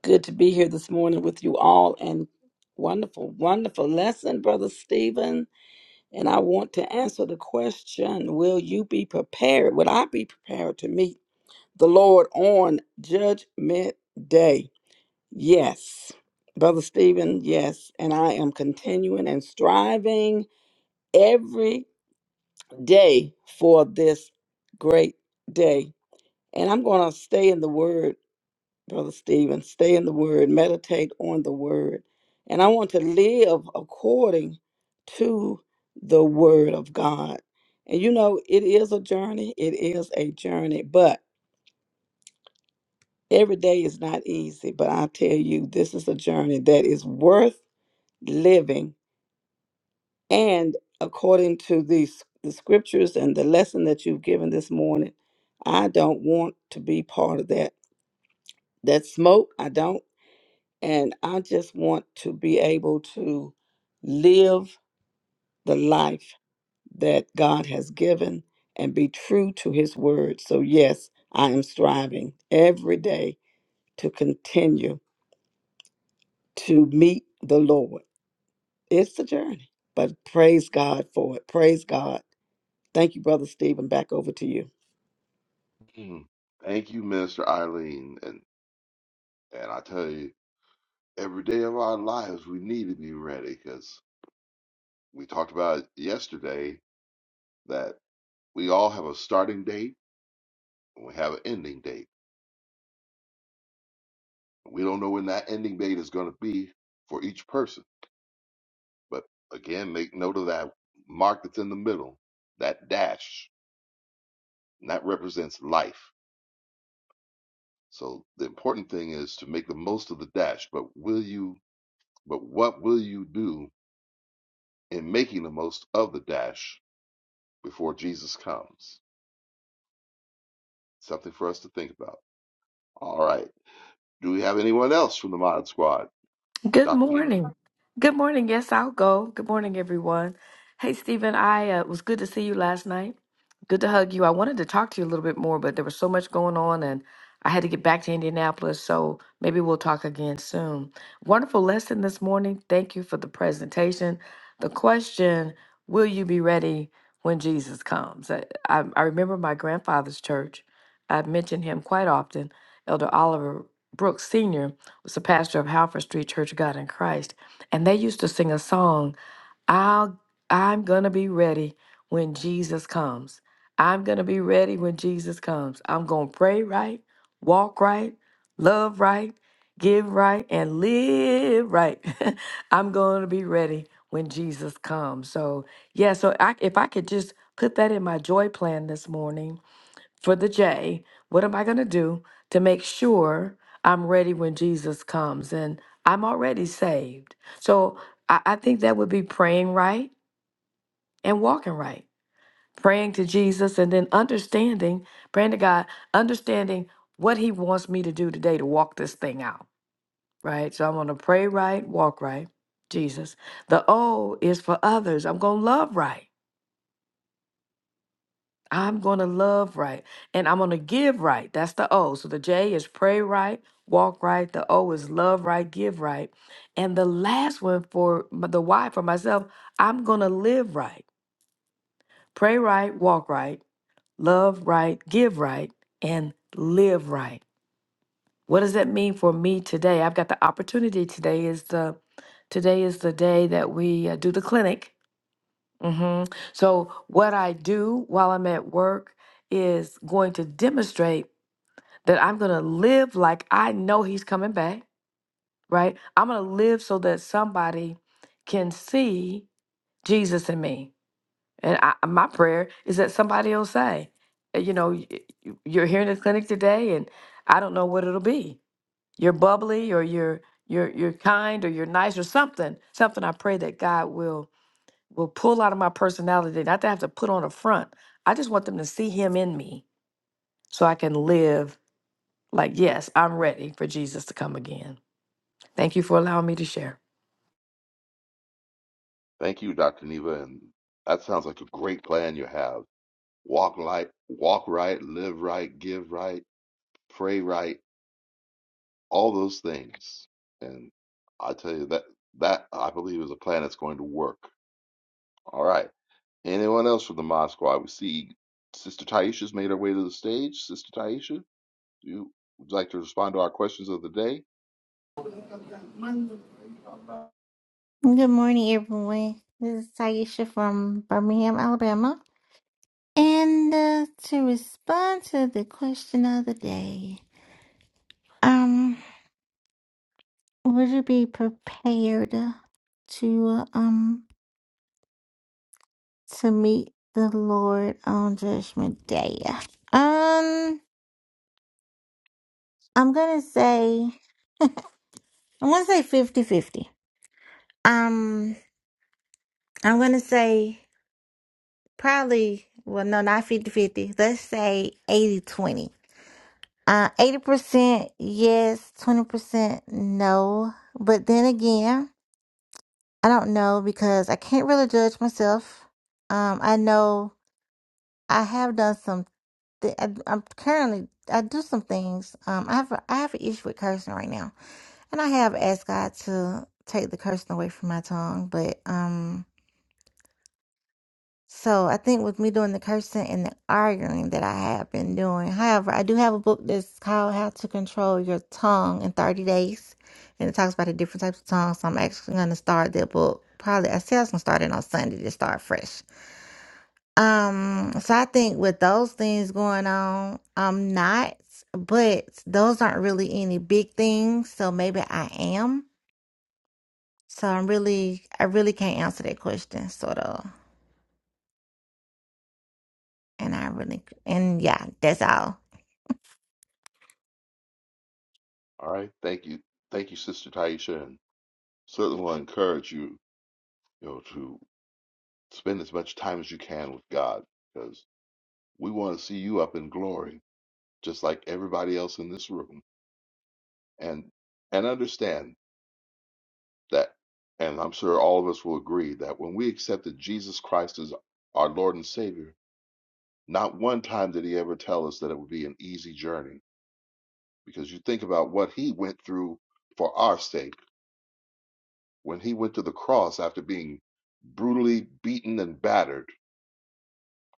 E: Good to be here this morning with you all, and wonderful, wonderful lesson, Brother Stephen. And I want to answer the question Will you be prepared? Will I be prepared to meet the Lord on Judgment Day? Yes, Brother Stephen, yes. And I am continuing and striving every day for this great day. And I'm going to stay in the word Brother Stephen. Stay in the Word, meditate on the Word. And I want to live according to the Word of God. And you know, it is a journey. It is a journey, but every day is not easy. But I tell you, this is a journey that is worth living. And according to these the scriptures and the lesson that you've given this morning, I don't want to be part of that. That smoke, I don't. And I just want to be able to live the life that God has given and be true to his word. So, yes, I am striving every day to continue to meet the Lord. It's a journey, but praise God for it. Praise God. Thank you, Brother Stephen. Back over to you.
B: Mm. Thank you, Minister Eileen. And and I tell you, every day of our lives we need to be ready because we talked about it yesterday that we all have a starting date and we have an ending date. We don't know when that ending date is going to be for each person. But again, make note of that mark that's in the middle, that dash, and that represents life. So the important thing is to make the most of the dash. But will you? But what will you do in making the most of the dash before Jesus comes? Something for us to think about. All right. Do we have anyone else from the Mod Squad?
F: Good
B: Dr. Neva?
F: morning. Good morning. Yes, I'll go. Good morning, everyone. Hey, Stephen, I uh, it was good to see you last night. Good to hug you. I wanted to talk to you a little bit more, but there was so much going on and I had to get back to Indianapolis. So maybe we'll talk again soon. Wonderful lesson this morning. Thank you for the presentation. The question Will you be ready when Jesus comes? I, I, I remember my grandfather's church. I've mentioned him quite often, Elder Oliver Brooks Sr was the pastor of Halford Street Church of God in Christ, and they used to sing a song, I'll I'm gonna be ready when Jesus comes. I'm gonna be ready when Jesus comes. I'm gonna pray right, walk right, love right, give right, and live right. I'm gonna be ready when Jesus comes. So yeah, so I, if I could just put that in my joy plan this morning for the J, what am I going to do to make sure I'm ready when Jesus comes? And I'm already saved. So I, I think that would be praying right and walking right. Praying to Jesus and then understanding, praying to God, understanding what He wants me to do today to walk this thing out, right? So I'm going to pray right, walk right, Jesus. The O is for others. I'm going to love right. I'm going to love right and I'm going to give right. That's the O. So the J is pray right, walk right. The O is love right, give right. And the last one for m- the Y for myself, I'm going to live right. Pray right, walk right, love right, give right, and live right. What does that mean for me today? I've got the opportunity today is the today is the day that we uh, do the clinic hmm So, what I do while I'm at work is going to demonstrate that I'm going to live like I know he's coming back, right? I'm going to live so that somebody can see Jesus in me. And I, my prayer is that somebody will say, uh, you know, y- y- you're here in the clinic today and I don't know what it'll be. You're bubbly or you're you're you're kind or you're nice or something. Something I pray that God will will pull out of my personality, not to have to put on a front. I just want them to see him in me so I can live like, yes, I'm ready for Jesus to come again. Thank you for allowing me to share.
B: Thank you, Dr. Neva. And that sounds like a great plan you have walk right, walk right, live right, give right, pray right, all those things. And I tell you that that I believe is a plan that's going to work. All right. Anyone else from the Mod Squad? We see Sister Taisha's made her way to the stage. Sister Taisha, do you would you like to respond to our questions of the day?
G: Good morning, everyone. This is Taisha from Birmingham, Alabama. And uh, to respond to the question of the day, um, would you be prepared to uh, um to meet the Lord on Judgment Day? Um, I'm gonna say I'm gonna say fifty fifty. Um, I'm gonna say probably well, no, not fifty fifty. Let's say eighty twenty. Uh, 80% yes, 20% no. But then again, I don't know because I can't really judge myself. Um, I know I have done some, th- I, I'm currently, I do some things. Um, I have, a, I have an issue with cursing right now. And I have asked God to take the cursing away from my tongue, but, um. So I think with me doing the cursing and the arguing that I have been doing. However, I do have a book that's called How to Control Your Tongue in 30 Days. And it talks about the different types of tongues. So I'm actually gonna start that book. Probably I said I was gonna start it on Sunday to start fresh. Um, so I think with those things going on, I'm not, but those aren't really any big things. So maybe I am. So I'm really I really can't answer that question, sort of. And I really and yeah, that's all.
B: All right. Thank you. Thank you, Sister Taisha, and certainly will encourage you, you know, to spend as much time as you can with God because we want to see you up in glory just like everybody else in this room and and understand that and i'm sure all of us will agree that when we accepted jesus christ as our lord and savior not one time did he ever tell us that it would be an easy journey because you think about what he went through for our sake when he went to the cross after being brutally beaten and battered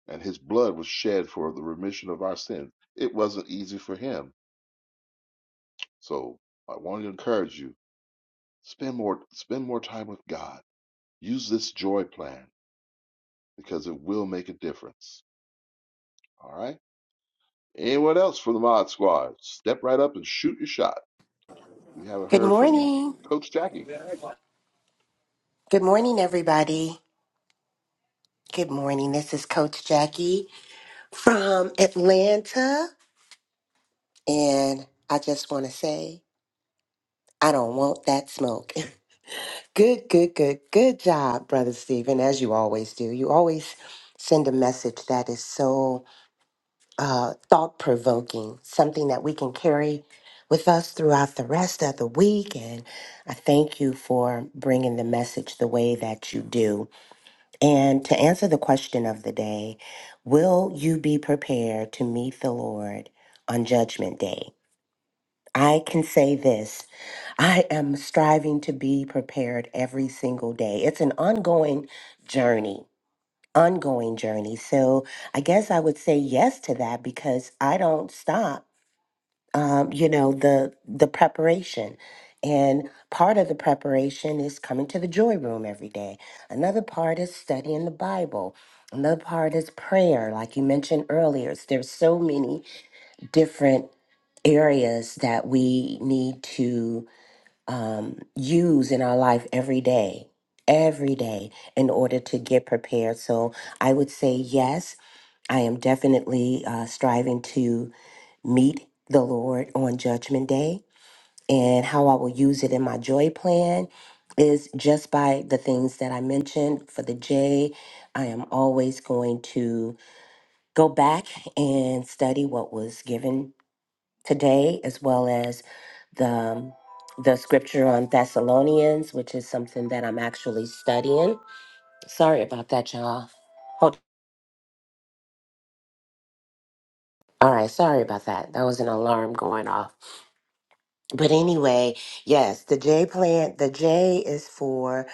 B: and his blood was shed for the remission of our sins it wasn't easy for him so i want to encourage you spend more spend more time with god Use this joy plan because it will make a difference. All right. Anyone else from the Mod Squad? Step right up and shoot your shot. We haven't
H: Good
B: heard from
H: morning.
B: Coach Jackie.
H: Good morning, everybody. Good morning. This is Coach Jackie from Atlanta. And I just want to say, I don't want that smoke. good, good, good, good job, Brother Stephen, as you always do. You always send a message that is so uh, thought provoking, something that we can carry with us throughout the rest of the week. And I thank you for bringing the message the way that you do. And to answer the question of the day, will you be prepared to meet the Lord on Judgment Day? I can say this I am striving to be prepared every single day. It's an ongoing journey, ongoing journey. So I guess I would say yes to that because I don't stop um, you know the the preparation and part of the preparation is coming to the joy room every day another part is studying the bible another part is prayer like you mentioned earlier there's so many different areas that we need to um, use in our life every day every day in order to get prepared so i would say yes i am definitely uh, striving to meet the Lord on Judgment Day. And how I will use it in my joy plan is just by the things that I mentioned. For the J, I am always going to go back and study what was given today, as well as the the scripture on Thessalonians, which is something that I'm actually studying. Sorry about that, y'all. Hold. All right, sorry about that. That was an alarm going off. but anyway, yes, the J plan, the J is for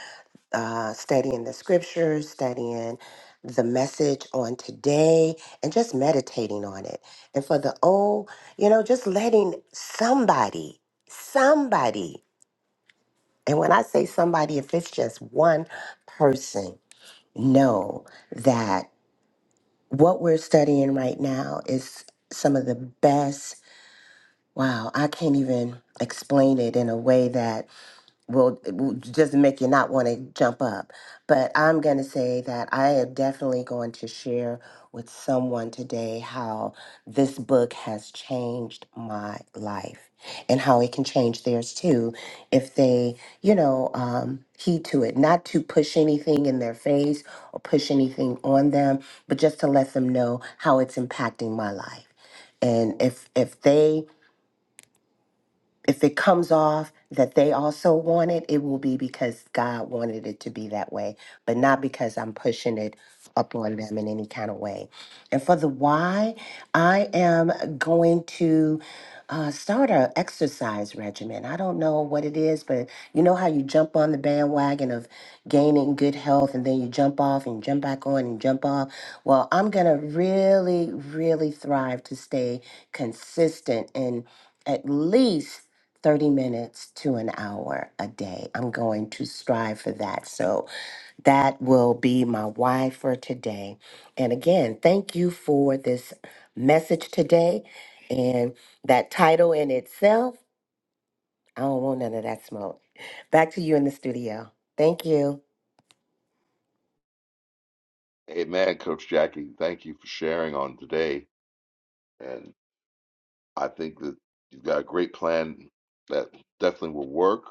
H: uh, studying the scriptures, studying the message on today, and just meditating on it. And for the O, you know, just letting somebody, somebody, and when I say somebody, if it's just one person, know that what we're studying right now is some of the best. Wow, I can't even explain it in a way that will will just make you not want to jump up. But I'm going to say that I am definitely going to share with someone today how this book has changed my life and how it can change theirs too if they, you know, um, heed to it. Not to push anything in their face or push anything on them, but just to let them know how it's impacting my life. And if if they if it comes off that they also want it, it will be because God wanted it to be that way, but not because I'm pushing it up on them in any kind of way. And for the why, I am going to uh, start a exercise regimen. I don't know what it is, but you know how you jump on the bandwagon of gaining good health and then you jump off and jump back on and jump off. Well, I'm going to really, really thrive to stay consistent and at least 30 minutes to an hour a day. I'm going to strive for that. So that will be my why for today. And again, thank you for this message today and that title in itself. I don't want none of that smoke. Back to you in the studio. Thank you.
B: Hey man, Coach Jackie, thank you for sharing on today. And I think that you've got a great plan that definitely will work.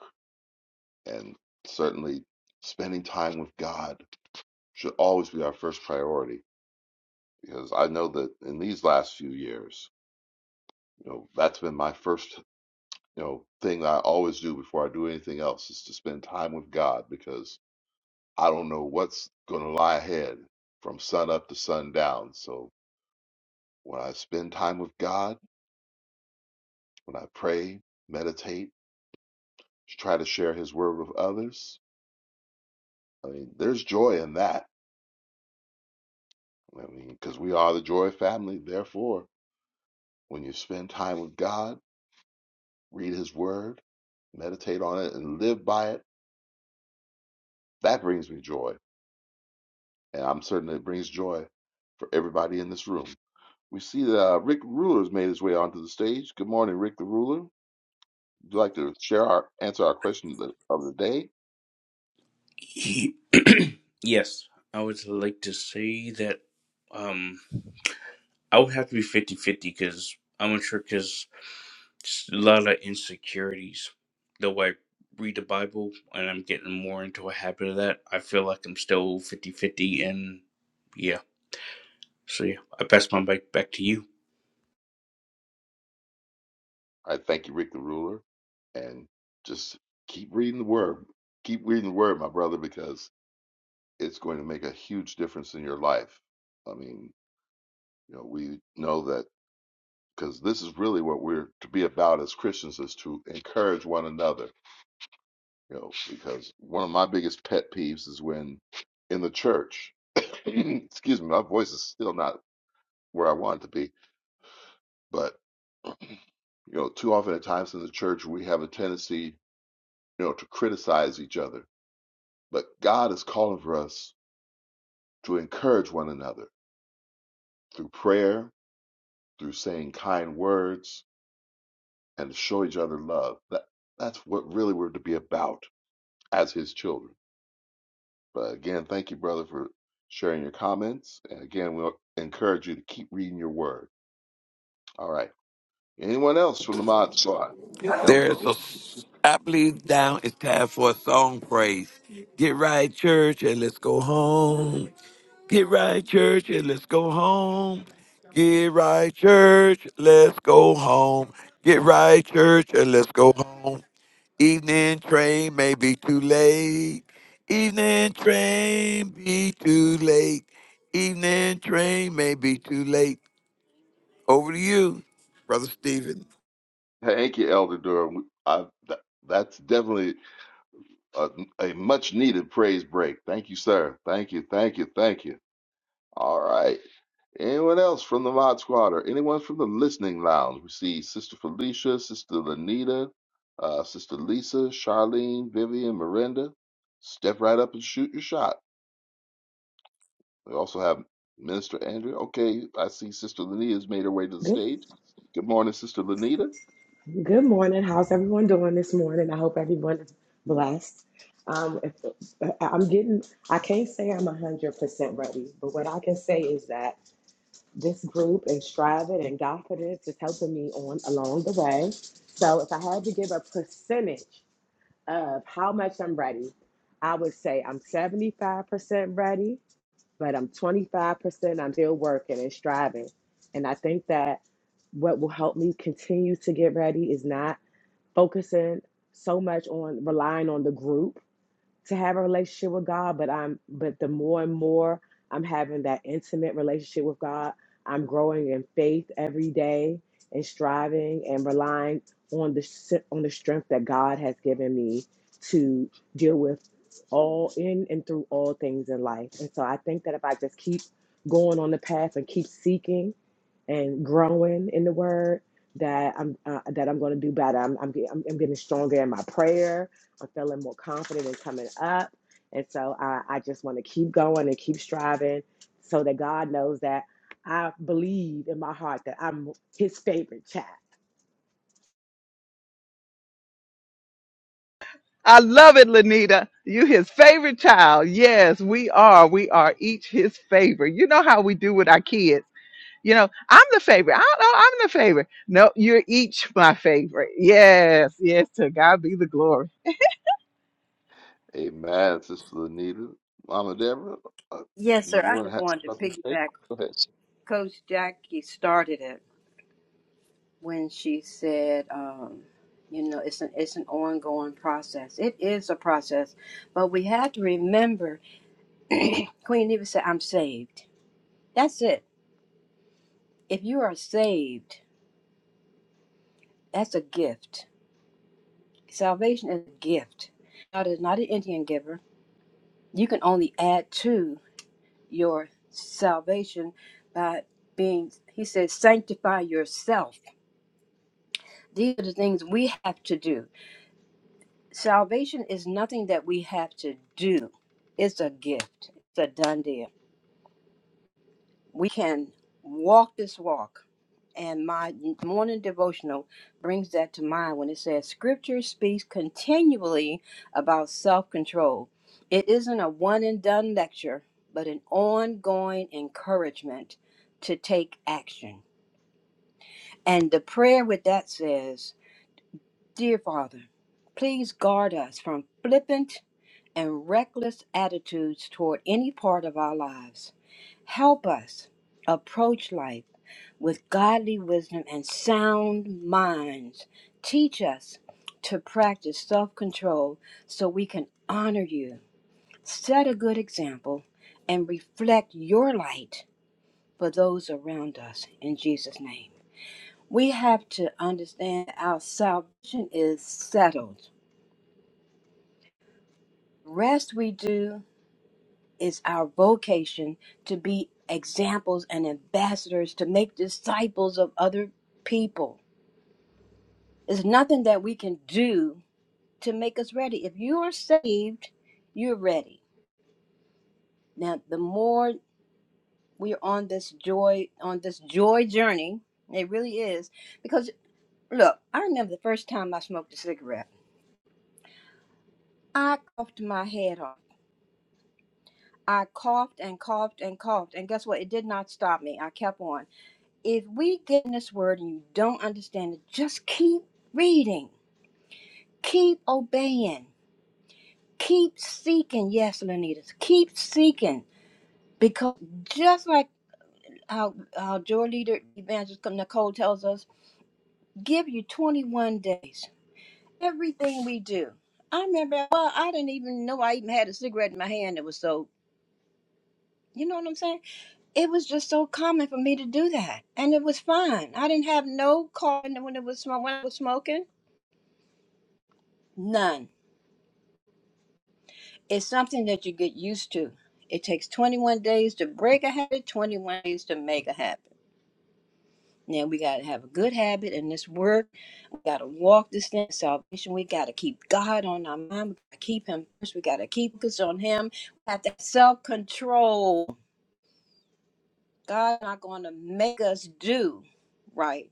B: And certainly, spending time with God should always be our first priority because I know that in these last few years, you know, that's been my first you know thing that I always do before I do anything else is to spend time with God because I don't know what's going to lie ahead from sun up to sundown. So when I spend time with God, when I pray, meditate, try to share His word with others, I mean, there's joy in that. I mean, because we are the joy family. Therefore, when you spend time with God, read His word, meditate on it, and live by it, that brings me joy. And I'm certain it brings joy for everybody in this room. We see that uh, Rick Ruler has made his way onto the stage. Good morning, Rick the Ruler. Would you like to share our answer our question of the, of the day?
I: He- yes, I would like to say that um, I would have to be 50 50 because I'm not sure because a lot of insecurities. Though I read the Bible and I'm getting more into a habit of that, I feel like I'm still 50 50 And yeah, so yeah, I pass my mic back to you.
B: I thank you, Rick the Ruler, and just keep reading the word. Keep reading the word, my brother, because it's going to make a huge difference in your life. I mean, you know, we know that because this is really what we're to be about as Christians is to encourage one another. You know, because one of my biggest pet peeves is when in the church. excuse me, my voice is still not where I want to be. But you know, too often at times in the church, we have a tendency, you know, to criticize each other. But God is calling for us to encourage one another through prayer, through saying kind words, and to show each other love. That that's what really we're to be about as His children. But again, thank you, brother, for sharing your comments. And again, we'll encourage you to keep reading your word. All right. Anyone else from the mod squad? Elder
C: There is a,
B: Doreen?
C: I believe down it's time for a song praise. Get right, church, and let's go home. Get right, church, and let's go home. Get right, church, let's go home. Get right, church, and let's go home. Evening train may be too late. Evening train be too late. Evening train may be too late. Over to you, Brother Stephen.
B: Thank you, Elder Durham. I, th- that's definitely a, a much needed praise break. Thank you, sir. Thank you, thank you, thank you. All right. Anyone else from the Mod Squad or anyone from the Listening Lounge? We see Sister Felicia, Sister Lanita, uh, Sister Lisa, Charlene, Vivian, Miranda. Step right up and shoot your shot. We also have Minister Andrew. Okay, I see Sister Lanita's made her way to the
J: Good,
B: stage. Good morning, Sister Lanita.
J: good morning. How's everyone doing this morning? I hope everyone is blessed. Um, if, uh, I'm getting, I can't say I'm 100% ready, but what I can say is that this group and Strive It and God Put It is helping me on along the way. So if I had to give a percentage of how much I'm ready, I would say I'm 75% ready, but I'm 25%. I'm still working and striving. And I think that what will help me continue to get ready is not focusing so much on relying on the group to have a relationship with God, but I'm but the more and more I'm having that intimate relationship with God, I'm growing in faith every day and striving and relying on the s- on the strength that God has given me to deal with all in and through all things in life. And so I think that if I just keep going on the path and keep seeking and growing in the word that I'm uh, that I'm going to do better. I'm I'm, get- I'm I'm getting stronger in my prayer. I'm feeling more confident in coming up, and so I, I just want to keep going and keep striving, so that God knows that I believe in my heart that I'm His favorite child.
A: I love it, Lanita. You his favorite child. Yes, we are. We are each his favorite. You know how we do with our kids. You know, I'm the favorite. I don't know, I'm the favorite. No, you're each my favorite. Yes, yes, to God be the glory.
B: Amen, Sister Anita. Mama Deborah, uh,
D: Yes,
B: you
D: sir. I
B: want to
D: just
B: have
D: wanted to
B: something to say?
D: piggyback.
B: Go ahead.
D: Coach Jackie started it when she said, um, you know, it's an it's an ongoing process. It is a process, but we have to remember. Queen Eva said, "I'm saved." That's it. If you are saved, that's a gift. Salvation is a gift. God is not an Indian giver. you can only add to your salvation by being he says sanctify yourself these are the things we have to do salvation is nothing that we have to do it's a gift it's a done deal we can walk this walk. And my morning devotional brings that to mind when it says, Scripture speaks continually about self control. It isn't a one and done lecture, but an ongoing encouragement to take action. And the prayer with that says, Dear Father, please guard us from flippant and reckless attitudes toward any part of our lives. Help us approach life with godly wisdom and sound minds. Teach us to practice self control so we can honor you, set a good example, and reflect your light for those around us. In Jesus' name. We have to understand our salvation is settled. Rest we do is our vocation to be examples and ambassadors to make disciples of other people. There's nothing that we can do to make us ready. If you are saved, you're ready. Now, the more we're on this joy on this joy journey, it really is because look, I remember the first time I smoked a cigarette. I coughed my head off. I coughed and coughed and coughed, and guess what? It did not stop me. I kept on. if we get in this word and you don't understand it, just keep reading, keep obeying, keep seeking. Yes, Lenitas, keep seeking because just like how how your leader evangelist Nicole tells us, give you 21 days. Everything we do. I remember. Well, I didn't even know I even had a cigarette in my hand. It was so. You know what I'm saying? It was just so common for me to do that, and it was fine. I didn't have no call when it was when I was smoking, none It's something that you get used to. It takes 21 days to break a habit, 21 days to make a habit. Now we got to have a good habit in this work. We got to walk this thing, salvation. We got to keep God on our mind. We got to keep Him first. We got to keep focus on Him. We have to self control. God's not going to make us do right.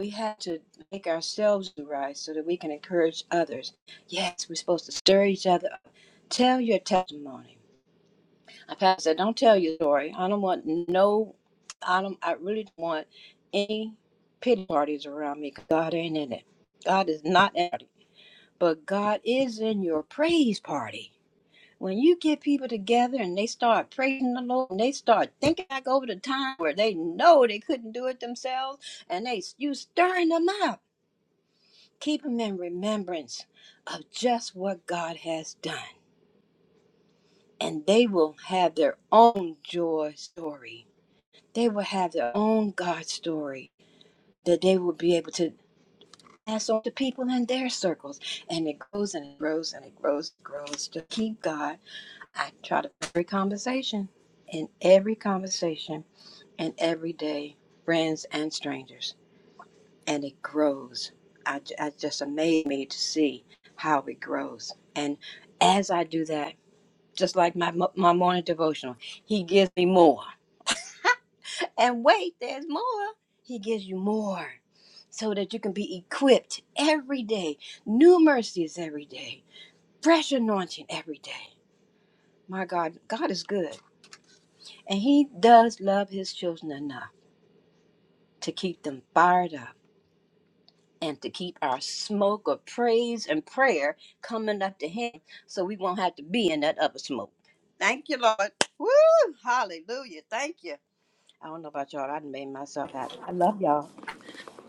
D: We have to make ourselves do right so that we can encourage others. Yes, we're supposed to stir each other up. Tell your testimony Pastor said, "Don't tell your story. I don't want no. I don't. I really don't want any pity parties around me. 'cause God ain't in it. God is not in it. But God is in your praise party. When you get people together and they start praising the Lord and they start thinking back over the time where they know they couldn't do it themselves, and they you stirring them up, keep them in remembrance of just what God has done, and they will have their own joy story." they will have their own God story that they will be able to pass on to people in their circles. And it grows and it grows and it grows and grows to keep God. I try to every conversation, in every conversation, and every day, friends and strangers. And it grows. I, I just amazed me to see how it grows. And as I do that, just like my, my morning devotional, he gives me more. And wait, there's more. He gives you more so that you can be equipped every day, new mercies every day, fresh anointing every day. My God, God is good. And He does love His children enough to keep them fired up and to keep our smoke of praise and prayer coming up to Him so we won't have to be in that other smoke. Thank you, Lord. Woo! Hallelujah. Thank you. I don't know about y'all. I done made myself happy. I love y'all.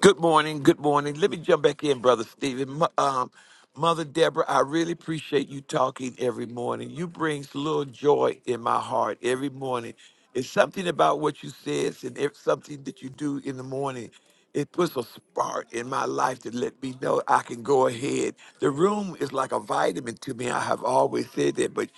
C: Good morning. Good morning. Let me jump back in, Brother Stephen. Mo- Um, Mother Deborah, I really appreciate you talking every morning. You brings little joy in my heart every morning. It's something about what you says and if something that you do in the morning. It puts a spark in my life to let me know I can go ahead. The room is like a vitamin to me. I have always said that, but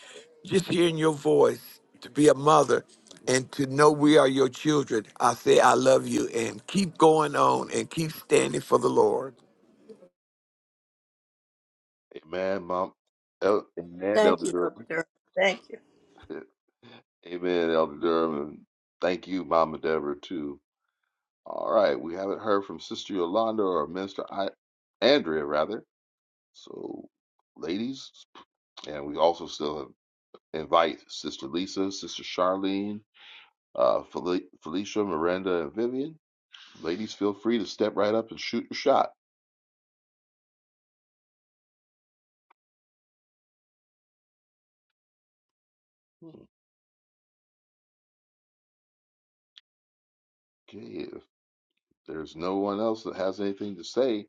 C: just hearing your voice. to be a mother and to know we are your children. I say, I love you and keep going on and keep standing for the Lord.
B: Amen, Mom. El- Amen,
D: Thank
B: Elder
D: you, Elder.
B: Durham.
D: Thank you.
B: Amen, Elder Durham. And thank you, Mama Deborah, too. All right, we haven't heard from Sister Yolanda or Minister I- Andrea, rather. So, ladies, and we also still invite Sister Lisa, Sister Charlene, uh, Fel- Felicia, Miranda, and Vivian. Ladies, feel free to step right up and shoot your shot. Okay, if there's no one else that has anything to say,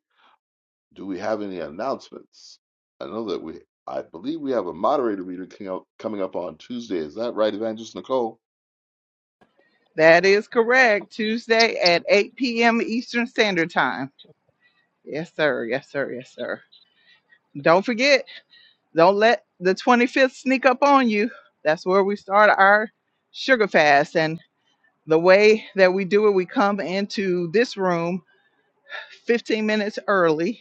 B: do we have any announcements? I know that we, I believe we have a moderator meeting coming up, coming up on Tuesday. Is that right, Evangelist Nicole?
A: That is correct. Tuesday at 8 p.m. Eastern Standard Time. Yes, sir. Yes, sir. Yes, sir. Don't forget, don't let the 25th sneak up on you. That's where we start our sugar fast. and. the way that we do it, we come into this room 15 minutes early.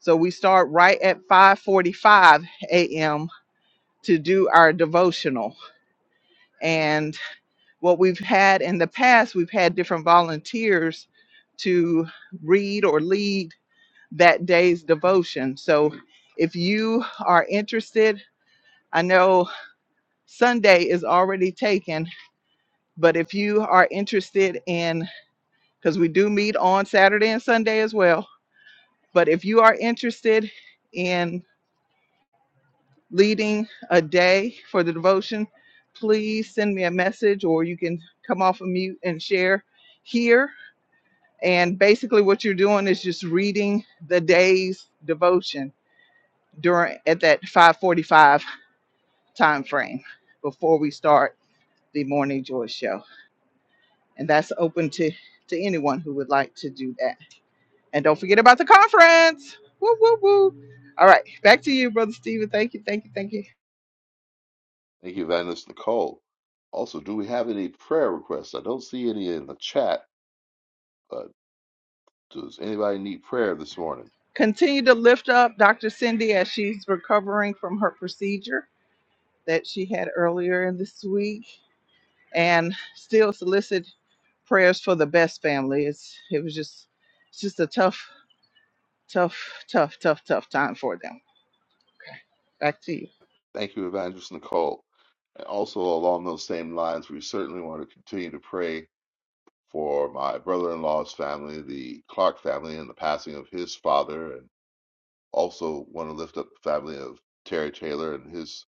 A: So we start right at 5:45 a.m. to do our devotional. And what we've had in the past, we've had different volunteers to read or lead that day's devotion. So if you are interested, I know Sunday is already taken, but if you are interested in because we do meet on Saturday and Sunday as well But if you are interested in leading a day for the devotion, please send me a message or you can come off of mute and share here. And basically what you're doing is just reading the day's devotion during at that 545 time frame before we start the morning joy show. And that's open to, to anyone who would like to do that. And don't forget about the conference. Woo woo woo. All right, back to you, Brother Stephen. Thank you, thank you, thank you.
B: Thank you, Evangelist Nicole. Also, do we have any prayer requests? I don't see any in the chat, but does anybody need prayer this morning?
A: Continue to lift up Dr. Cindy as she's recovering from her procedure that she had earlier in this week and still solicit prayers for the best family. It's it was just it's just a tough, tough, tough, tough, tough time for them. Okay, Back to you.
B: Thank you, Evangelist Nicole. And also, along those same lines, we certainly want to continue to pray for my brother-in-law's family, the Clark family, and the passing of his father and. Also, want to lift up the family of Terry Taylor and his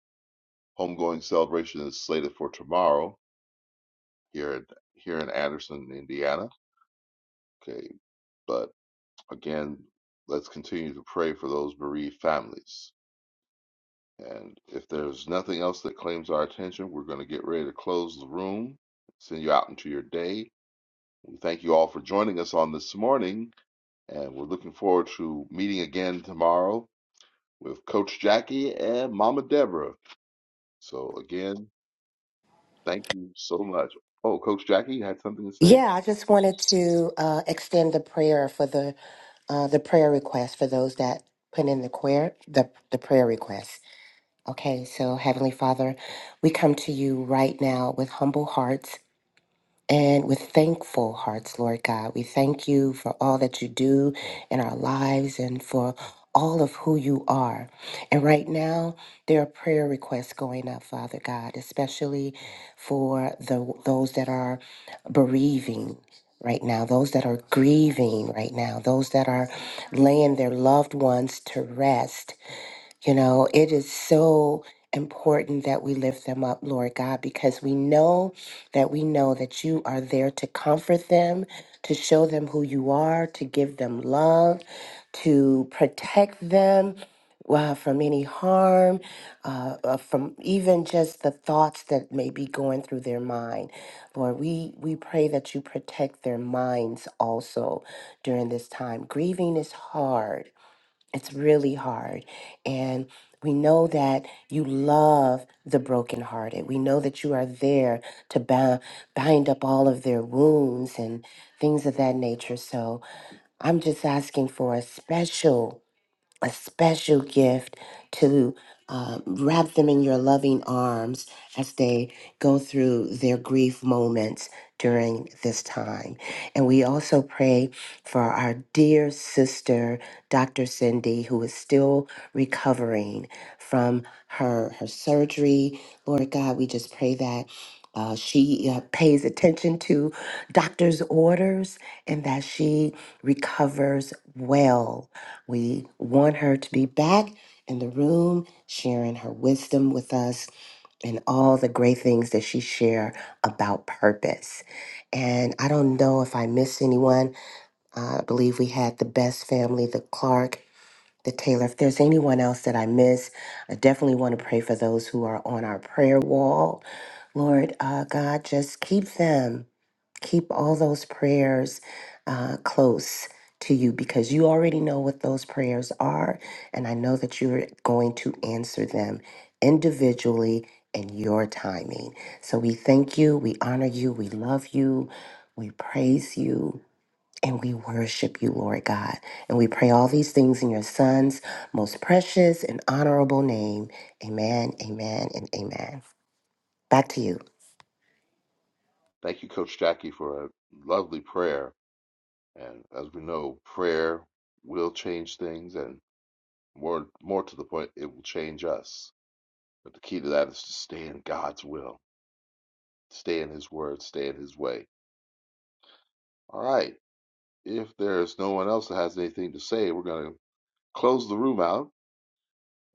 B: homegoing celebration is slated for tomorrow here in here in Anderson, Indiana. Okay, but again, let's continue to pray for those bereaved families. And if there's nothing else that claims our attention, we're going to get ready to close the room, send you out into your day. We thank you all for joining us on this morning, and we're looking forward to meeting again tomorrow with Coach Jackie and Mama Deborah. So again. Thank you so much. Oh, Coach Jackie, you had something to say?
H: Yeah, I just wanted to uh, extend the prayer for the uh, the prayer request for those that put in the prayer the, the prayer request. Okay, so Heavenly Father, we come to you right now with humble hearts and with thankful hearts, Lord God. We thank you for all that you do in our lives and for all of who you are. And right now, there are prayer requests going up, Father God, especially for the those that are bereaving right now, those that are grieving right now, those that are laying their loved ones to rest you know, it is so important that we lift them up, Lord God, because we know that we know that you are there to comfort them, to show them who you are, to give them love, to protect them. uh, from any harm, uh, uh, from even just the thoughts that may be going through their mind, Lord, we we pray that you protect their minds also during this time. Grieving is hard, it's really hard. And we know that you love the brokenhearted. We know that you are there to bound, bind up all of their wounds and things of that nature. So I'm just asking for a special a special gift to um, wrap them in your loving arms as they go through their grief moments during this time. And we also pray for our dear sister, Dr. Cindy, who is still recovering from her, her surgery. Lord God, we just pray that. Uh, she uh, pays attention to doctor's orders and that she recovers well we want her to be back in the room, sharing her wisdom with us and all the great things that she shared about purpose. And I don't know if I missed anyone. Uh, I believe we had the best family, the Clark, the Taylor. If there's anyone else that I missed, I definitely want to pray for those who are on our prayer wall. Lord uh, God, just keep them keep all those prayers uh, close to you because you already know what those prayers are. And I know that you're going to answer them individually in your timing. So we thank you, we honor you, we love you, we praise you. And we worship you, Lord God. And we pray all these things in your Son's most precious and honorable name. Amen, amen, and amen. Back to you.
B: Thank you, Coach Jackie, for a lovely prayer. And as we know, prayer will change things, and more more to the point, it will change us. But the key to that is to stay in God's will, stay in His word, stay in His way. All right. If there's no one else that has anything to say, we're going to close the room out.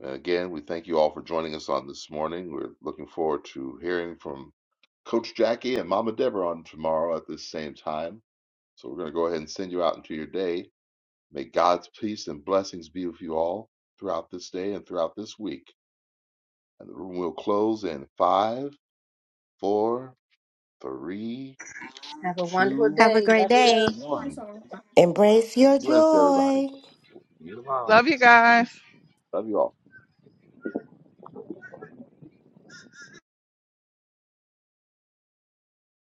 B: Uh, Again, we thank you all for joining us on this morning. We're looking forward to hearing from Coach Jackie and Mama Deborah on tomorrow at this same time. So we're going to go ahead and send you out into your day. May God's peace and blessings be with you all throughout this day and throughout this week. And the room will close in five, four, three,
D: Have a wonderful
B: two,
G: Have a
D: day.
G: great
D: Love you. Love.
G: day.
B: one.
H: Embrace
B: Be
H: your
B: blessed, everybody.
H: joy.
B: See you tomorrow.
A: Love you guys.
B: Love you all.